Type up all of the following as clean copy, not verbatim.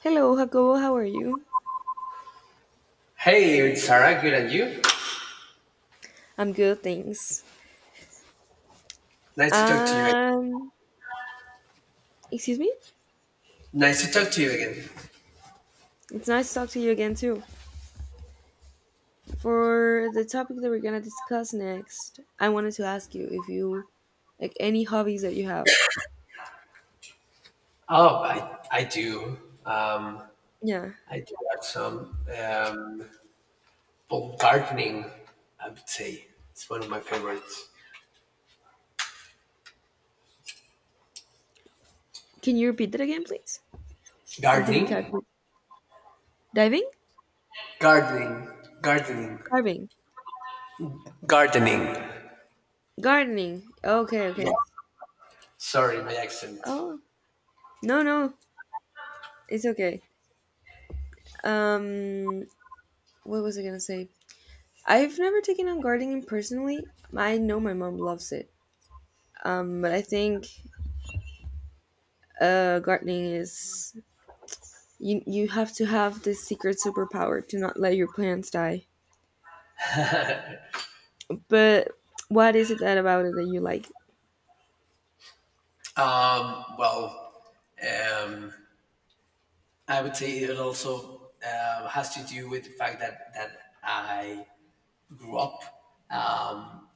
Hello, Jacobo. How are you? Hey, it's Sarah. Good and you? I'm good, thanks. Nice to talk to you. Um, Excuse me? Nice to talk to you again. It's nice to talk to you again, too. For the topic that we're gonna discuss next, I wanted to ask you if you like any hobbies that you have. Oh, I do. Um, Yeah. I do have some well, gardening. I would say it's one of my favorites. Can you repeat that again, please? I didn't catch Gardening, it. Diving? gardening, gardening, Carving. gardening. Gardening. Okay, Yeah. okay. Sorry, my accent. Oh, no, no. It's okay. Um, what was I gonna say? I've never taken on gardening personally. I know my mom loves it. But I think gardening is you have to have this secret superpower to not let your plants die. But what is it that about it that you like? Um, well, um, I would say it also has to do with the fact that I grew up. Um,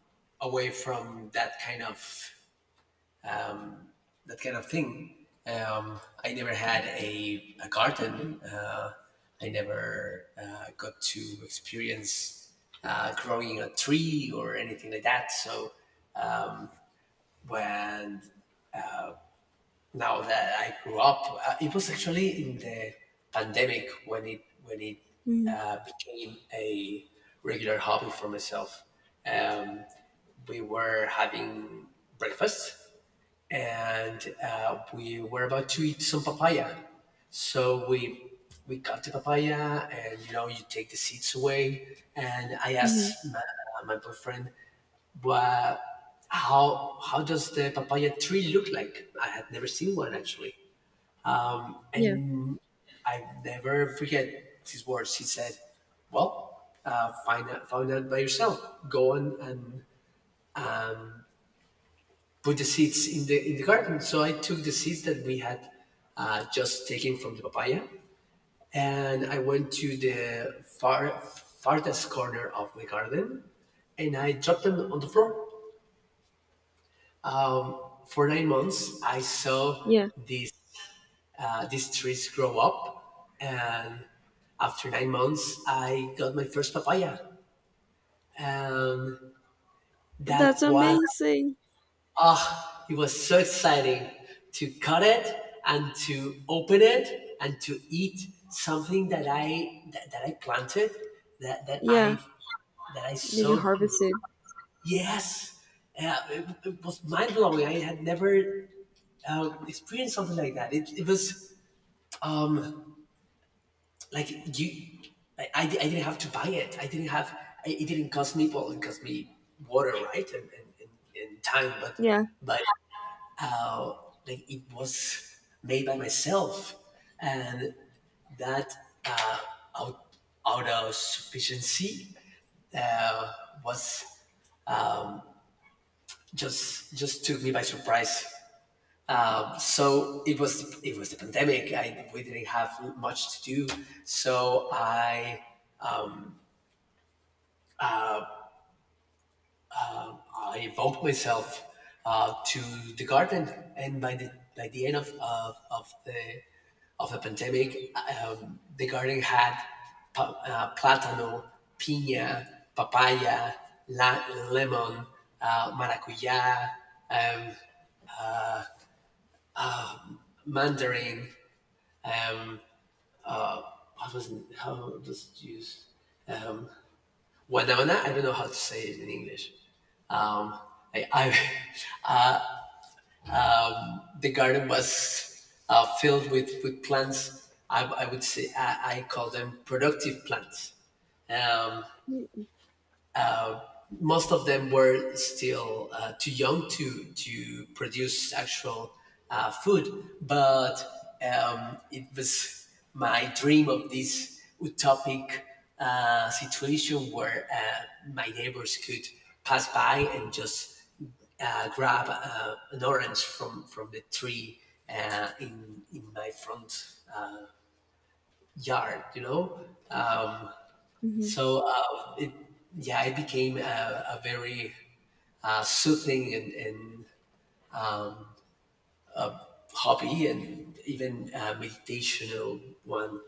away from um, that kind of thing. I never had a garden. I never got to experience growing a tree or anything like that. So um, when Now that I grew up, it was actually in the pandemic when it became a regular hobby for myself. Um, we were having breakfast, and we were about to eat some papaya. So we cut the papaya, and you know you take the seeds away. And I Mm-hmm. asked my boyfriend, "Well, how does the papaya tree look like?" I had never seen one actually, Yeah, and I never forget his words. He said, "Well, find out by yourself. Go on and put the seeds in the garden." So I took the seeds that we had just taken from the papaya, and I went to the farthest corner of the garden, and I dropped them on the floor. For 9 months, I saw yeah, these these trees grow up, and after 9 months, I got my first papaya. Um, that that's was amazing. It was so exciting to cut it and to open it and to eat something that I planted, that that Yeah, I that I did you so grew. harvest it? Yes, it was mind blowing. I had never experienced something like that. It was um, like you, I didn't have to buy it. I didn't have. It didn't cost me. Well, it cost me water, right, and time, but Yeah. but like it was made by myself, and that uh, out, out of sufficiency uh, was just took me by surprise. It was the pandemic. We didn't have much to do, so I evoked myself to the garden, and by the end of the pandemic, the garden had plátano, piña, papaya, la- lemon, maracuyá, um, mandarin. Um, what was, how does it use? Um, Guanabana. I don't know how to say it in English. Um, I The garden was filled with plants. I would say I call them productive plants. Um, Most of them were still too young to produce actual food, but it was my dream of this utopic situation where my neighbors could pass by and just grab an orange from the tree in my front yard, you know. Um, Mm-hmm. so uh, it, yeah, it became a very soothing and hobby, and even meditational one.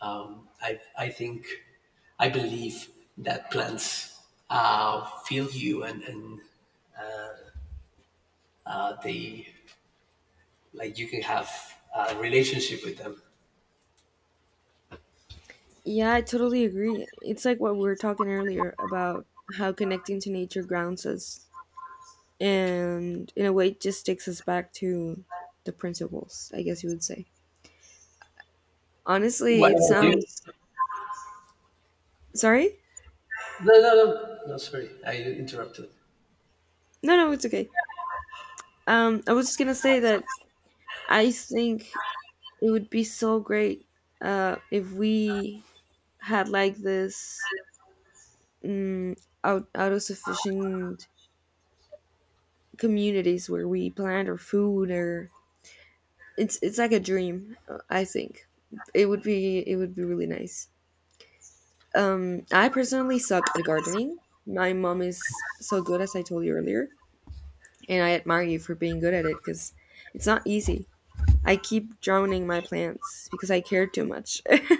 I think, I believe that plants feel you, uh, they, like you can have a relationship with them. Yeah, I totally agree. It's like what we were talking earlier about how connecting to nature grounds us and, in a way, just takes us back to the principles, I guess you would say. Honestly, What it about you? sounds— sorry? No, no, no, no, sorry, I interrupted. No, no, it's okay. I was just gonna say that I think it would be so great if we had like this out sufficient communities where we plant our food or it's like a dream. I think it would be really nice. I personally suck at gardening. My mom is so good, as I told you earlier, and I admire you for being good at it because it's not easy. I keep drowning my plants because I care too much.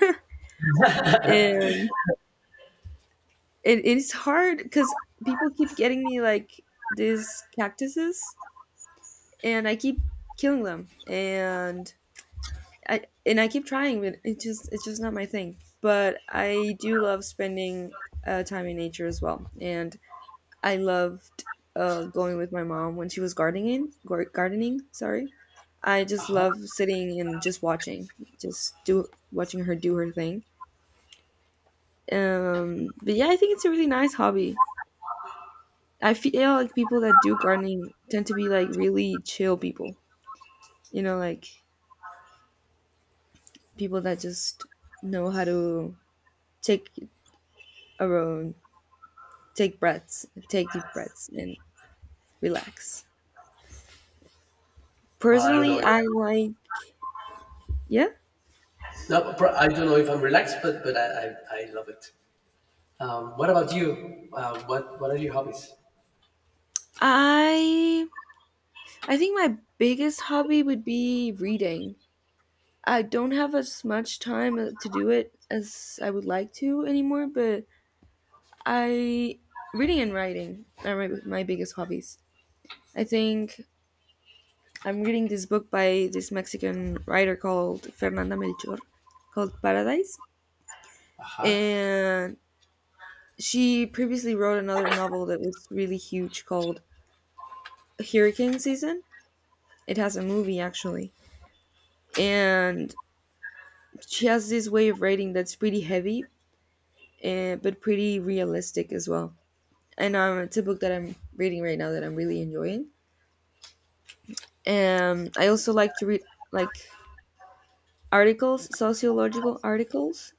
And it's hard because people keep getting me like these cactuses and I keep killing them. And I keep trying, but it's just not my thing. But I do love spending time in nature as well. And I loved going with my mom when she was gardening. Gardening, sorry. I just Uh-huh. love sitting and just watching her do her thing. But yeah, I think it's a really nice hobby. I feel like people that do gardening tend to be like really chill people, you know, like people that just know how to take a own take breaths, take deep breaths and relax. Well, I don't know. Personally, If, I like— yeah. no, pro- I don't know if I'm relaxed, I love it. What about you? What are your hobbies? I i think my biggest hobby would be reading. I don't have as much time to do it as I would like to anymore, but I— reading and writing are my biggest hobbies. I think I'm reading this book by this Mexican writer called Fernanda Melchor, called Paradise. Uh-huh. And she previously wrote another novel that was really huge called Hurricane Season. It has a movie actually. And she has this way of writing that's pretty heavy, eh, but pretty realistic as well. And it's a book that I'm reading right now that I'm really enjoying. I also like to read like articles, sociological articles.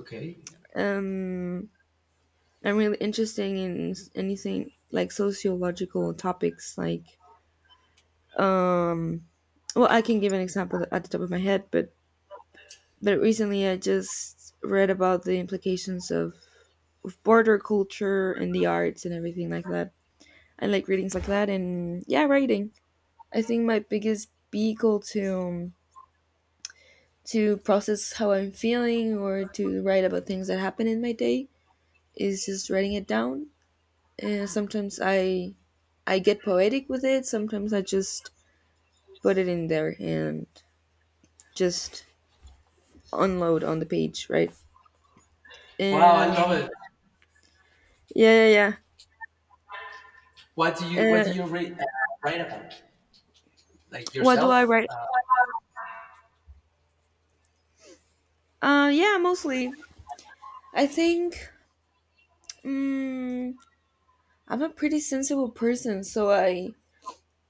Okay. Um, I'm really interested in anything like sociological topics. Like, um, well, I can give an example at the top of my head, but— but recently I just read about the implications of border culture and the arts and everything like that. I like readings like that, and yeah, writing. I think my biggest vehicle to process how I'm feeling or to write about things that happen in my day is just writing it down. Sometimes I get poetic with it. Sometimes I just put it in there and just unload on the page, right? Wow, I love Um, it. yeah, yeah, What yeah. Uh, do you read, write about? Like what do yourself? I write? Yeah, mostly. I think um, I'm a pretty sensible person, so I—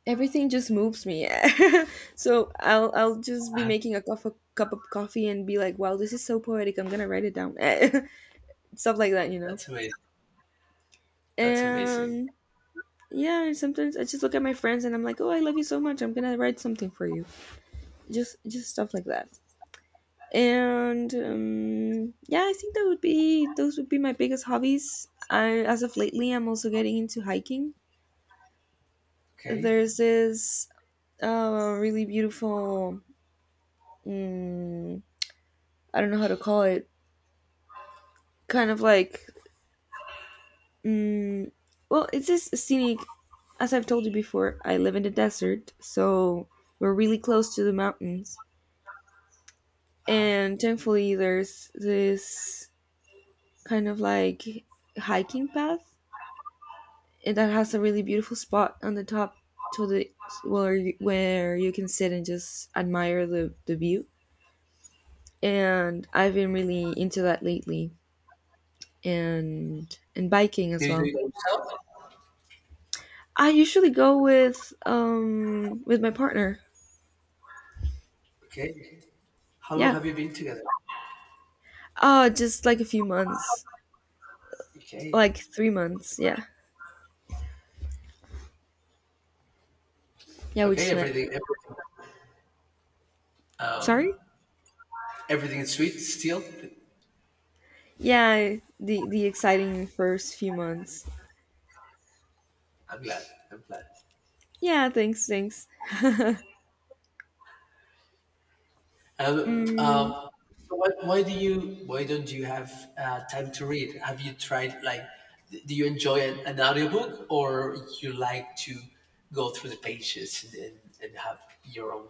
everything just moves me. So I'll just be making a cup of coffee and be like, wow, this is so poetic. I'm gonna write it down. Stuff like that, you know. that's amazing. That's amazing. And yeah, and sometimes I just look at my friends and I'm like, "Oh, I love you so much. I'm gonna write something for you." Just stuff like that. And yeah, I think that would be— those would be my biggest hobbies. I, as of lately, I'm also getting into hiking. Okay. There's this really beautiful, mm, I don't know how to call it, kind of like, mm, well, it's this scenic. As I've told you before, I live in the desert, so we're really close to the mountains, and thankfully there's this kind of like hiking path, and that has a really beautiful spot on the top to the where you can sit and just admire the view. And I've been really into that lately, and biking Do as you do well. it by yourself? I usually go with my partner. Okay. How long Yeah, have you been together? uh, just like a few months, Okay. like 3 months, yeah. Yeah, we Okay. just met. Sorry? Everything is sweet still. Yeah, the exciting first few months. I'm glad. I'm glad. Yeah, thanks, thanks. Uh, Mm, um, why do you why don't you have time to read? Have you tried like do you enjoy an audiobook, or you like to go through the pages, and have your own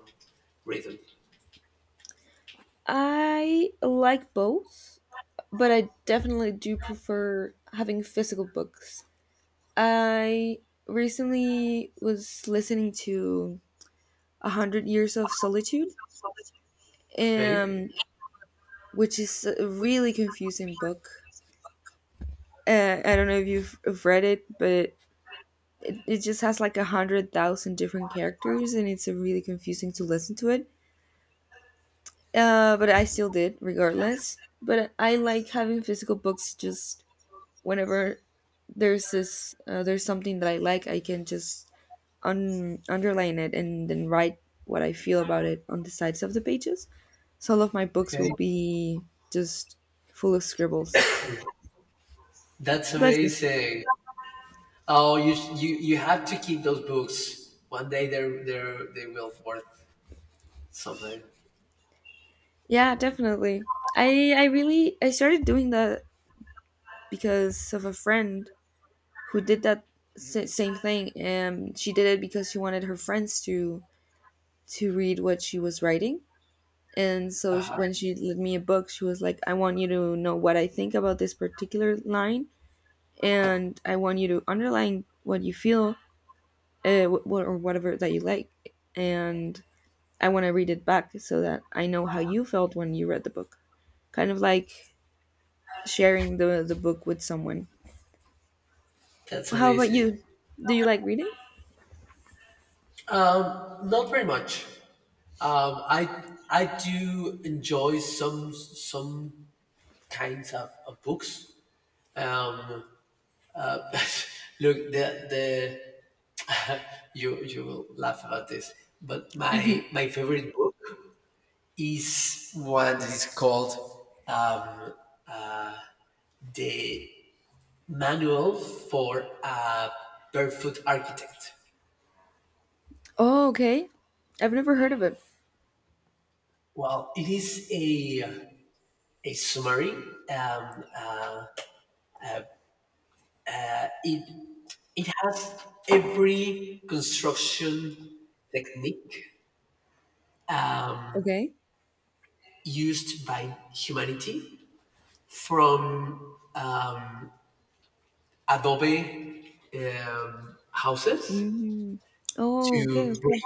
rhythm? I like both, but I definitely do prefer having physical books. I recently was listening to A Hundred Years of Solitude, Okay, um, which is a really confusing book. I don't know if you've have read it, but it just has like 100,000 different characters, and it's really confusing to listen to it, but I still did regardless. But I like having physical books just whenever there's this there's something that I like, I can just underline it and then write what I feel about it on the sides of the pages. So all of my books okay, will be just full of scribbles. that's Bless you. amazing. Oh, you have to keep those books. One day they will worth something. Yeah, definitely. I really I started doing that because of a friend who did that same thing, and she did it because she wanted her friends to read what she was writing. And so Uh-huh. when she lent me a book, she was like, I want you to know what I think about this particular line, and I want you to underline what you feel or whatever that you like. And I want to read it back so that I know how you felt when you read the book. Kind of like sharing the book with someone. That's How about amazing. you? Do you like reading? Not very much. Um, I I do enjoy some kinds of books. Um, uh, look, the you will laugh about this, but my favorite book is one that is called um, the Manual for a Barefoot Architect. Oh, okay. I've never heard of it. Well, it is a summary. Um, it It has every construction technique Okay. used by humanity from um, adobe houses Mm. Oh, okay, to brick okay.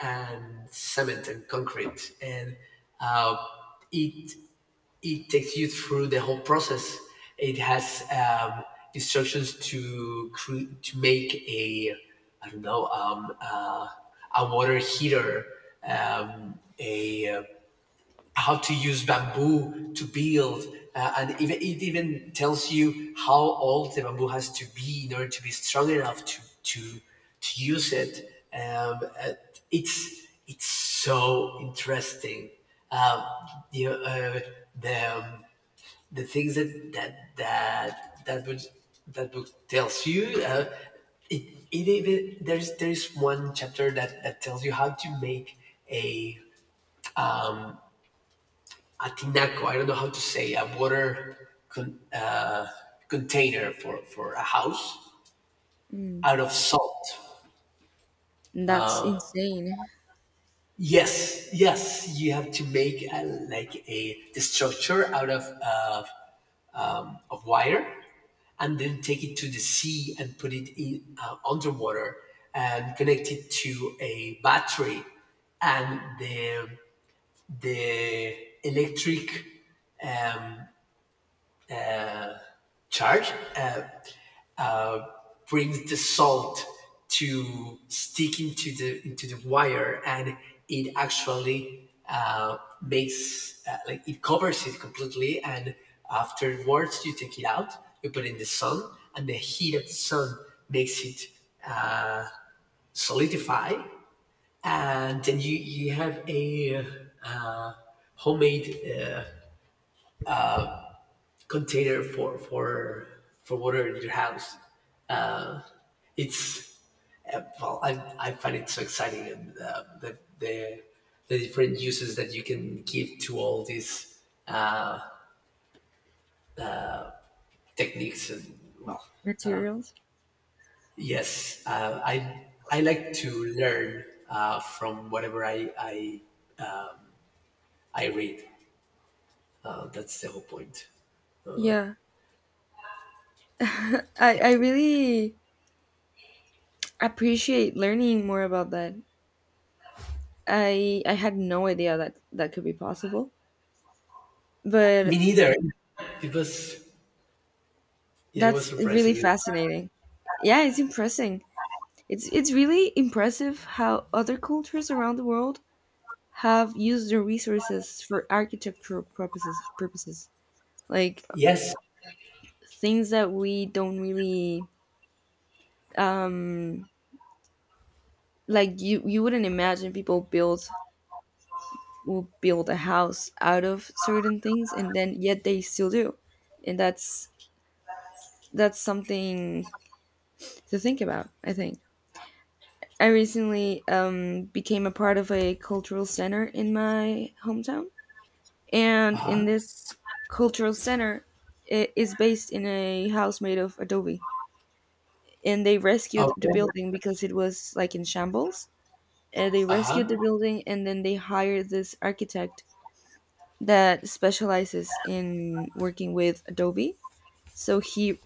and cement and concrete. And uh, it, it takes you through the whole process. It has instructions to make I don't know, a water heater, a how to use bamboo to build. And even, it even tells you how old the bamboo has to be in order to be strong enough to use it. It's so interesting. Um, you know, uh, the, um, the things that book tells you, it, it even, there's one chapter that tells you how to make a Atinaco. I don't know how to say a water container for a house Mm. out of salt. That's insane. Yes, yes, you have to make a the structure out of wire, and then take it to the sea and put it in underwater and connect it to a battery, and the electric um, charge brings the salt to stick into the wire, and it actually makes like it covers it completely. And afterwards you take it out, you put it in the sun, and the heat of the sun makes it solidify. And then you have a uh, homemade container for water in your house. It's Yeah, I find it so exciting, and the different uses that you can give to all these techniques, and well, Materials? yes, I like to learn from whatever I read. That's the whole point. Yeah, I really appreciate learning more about that. I had no idea that that could be possible. Me But neither. It was yeah, it was that's really surprising. fascinating. Yeah, it's impressing. It's really impressive how other cultures around the world have used their resources for architectural purposes. Like Yes. things that we don't really um like you wouldn't imagine people build will build a house out of certain things and then yet they still do, and that's something to think about. I think I recently became a part of a cultural center in my hometown, and in this cultural center, it is based in a house made of adobe, and they rescued the Okay. building because it was like in shambles. They Uh rescued the huh. building and then they hired this architect that specializes in working with adobe. So he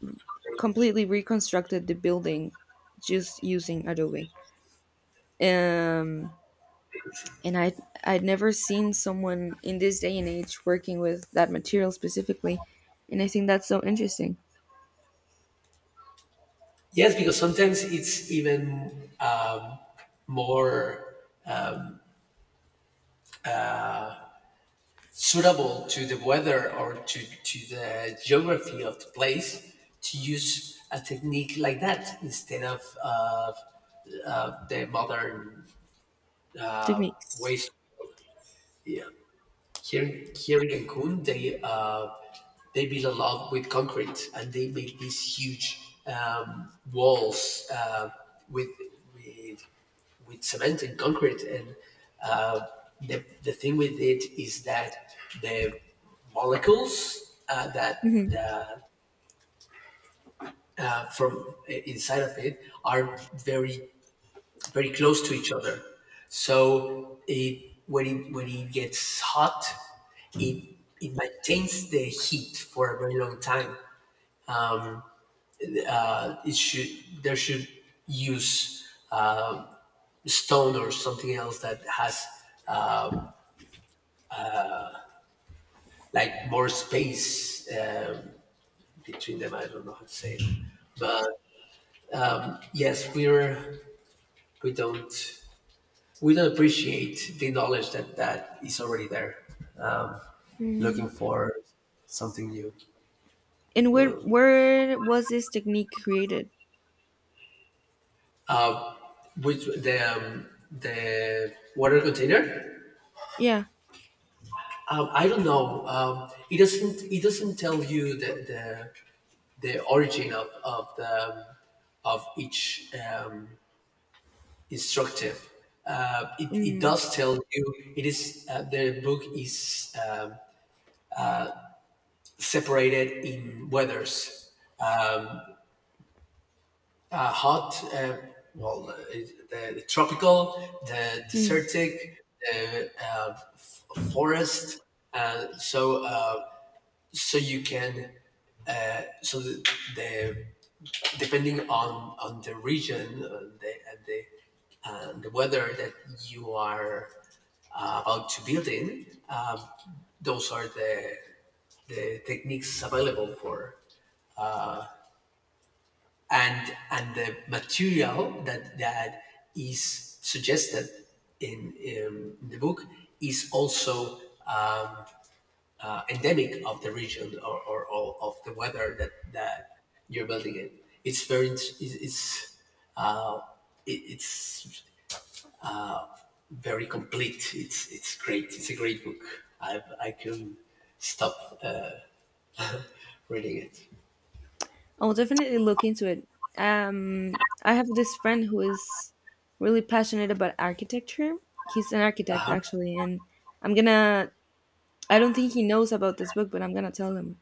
completely reconstructed the building just using Adobe. Um, and I— I'd never seen someone in this day and age working with that material specifically, and I think that's so interesting. Yes, because sometimes it's even more suitable to the weather or to the geography of the place to use a technique like that instead of the modern Techniques. ways. Yeah. Here in Cancun, they build a lot with concrete, and they make these huge walls with with with cement and concrete. And uh, the thing with it is that the molecules that Hmm. the from inside of it are very close to each other. So it, when it when it gets hot, it maintains the heat for a very long time. It should There should use stone or something else that has like more space between them. I don't know how to say it, but yes, we don't appreciate the knowledge that is already there. Um, Looking And for something new. Where was this technique created? Which the water container? Yeah. I don't know. It doesn't tell you the origin of the of each instructive. It Mm-hmm. does tell you, it is the book is separated in weathers, hot, the tropical, the Mm-hmm. desertic, the forest. uh, so Uh, you can, so the depending on the region and the weather that you are about to build in, those are the techniques available for. And the material that is suggested in the book is also endemic of the region, or of the weather that, that you're building in. It's very it's it's, uh, it's very complete. It's great. It's a great book. I I can stop uh, reading it. I'll definitely look into it. I have this friend who is really passionate about architecture. He's an architect actually, and I'm gonna— I don't think he knows about this book, but I'm gonna tell him.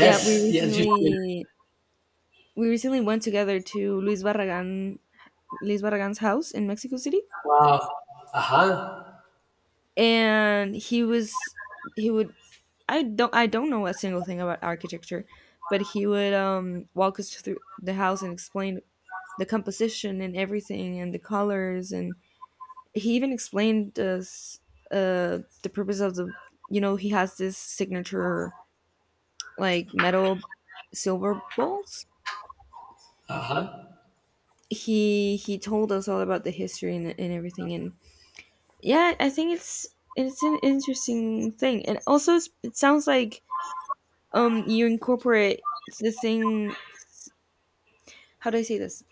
Yeah, yes, you should. We recently went together to Luis Barragan's house in Mexico City, Wow. Uh huh. and he was— he would— I don't know a single thing about architecture, but he would walk us through the house and explain the composition and everything and the colors, and he even explained us the purpose of the— you know, he has this signature like metal silver bowls. Uh huh. He told us all about the history and everything. And yeah, I think it's an interesting thing, and also it's, it sounds like you incorporate the thing— how do I say this—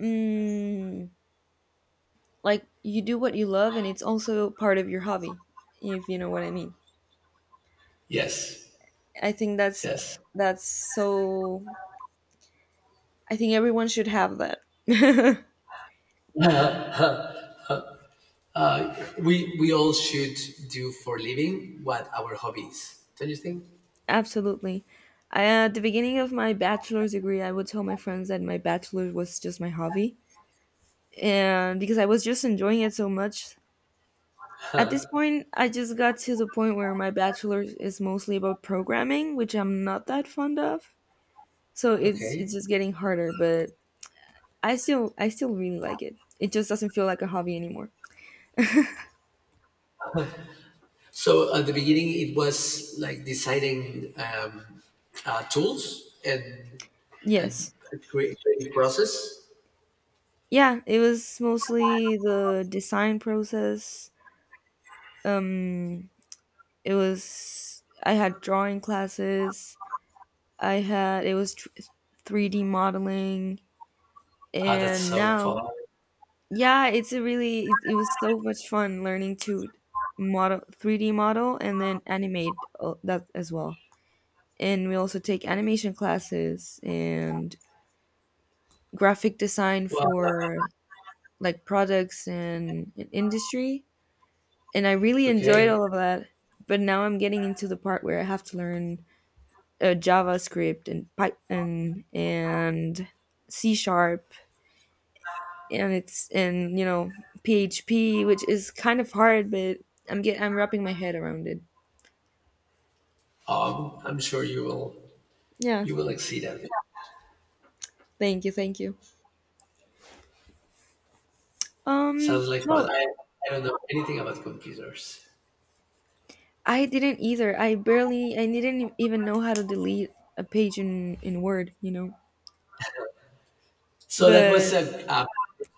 mm, like you do what you love and it's also part of your hobby, if you know what I mean. Yes, I think yes. that's so— I think everyone should have that. We all should do for living what our hobbies. Don't you think? Absolutely. I, at the beginning of my bachelor's degree, I would tell my friends that my bachelor was just my hobby, and because I was just enjoying it so much. At this point, I just got to the point where my bachelor's is mostly about programming, which I'm not that fond of. So it's Okay. just getting harder, but I still really like it. It just doesn't feel like a hobby anymore. So at the beginning, it was like deciding tools and and Yes. creating process. Yeah, it was mostly the design process. Um it was— I had drawing classes. I had— it was 3D modeling Ah, that's and so now— fun. yeah, it's a really— it was so much fun learning to model— 3D model and then animate that as well. And we also take animation classes and graphic design Well, for like products and industry. And I really enjoyed okay. all of that. But now I'm getting into the part where I have to learn JavaScript and Python and C sharp and it's in, you know, PHP, which is kind of hard, but I'm wrapping my head around it. I'm sure Yeah, you will exceed at it. thank you, thank you. Sounds like fun. Well, I don't know anything about computers. I didn't either. I barely— I didn't even know how to delete a page in Word, you know. So that But was a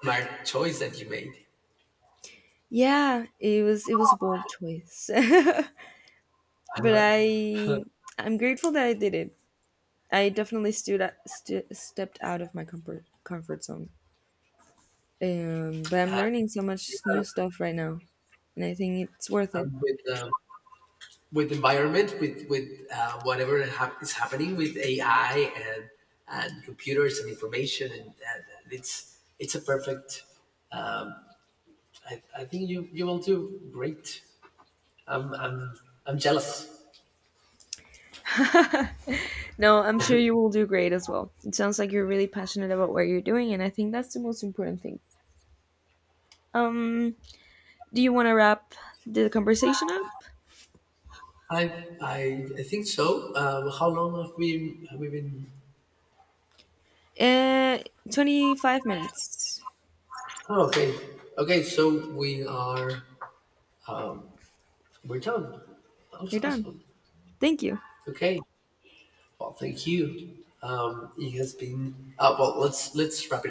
smart choice that you made. yeah, it was a bold choice, Uh, but I— I'm grateful that I did it. I definitely st- stepped out of my comfort zone. But I'm learning so much yeah, new stuff right now, and I think it's worth it. I'm with the environment, with whatever is happening with AI and computers and information, and it's a perfect. I think you will do great. I'm I'm I'm jealous. No, I'm sure you will do great as well. It sounds like you're really passionate about what you're doing, and I think that's the most important thing. Um, do you want to wrap the conversation up? I I think so. How long have we been? Uh, 25 minutes. Oh, okay, okay. So we're done. That was You're done. awesome. Thank you. Okay. Well, thank you. It has been. Well, let's wrap it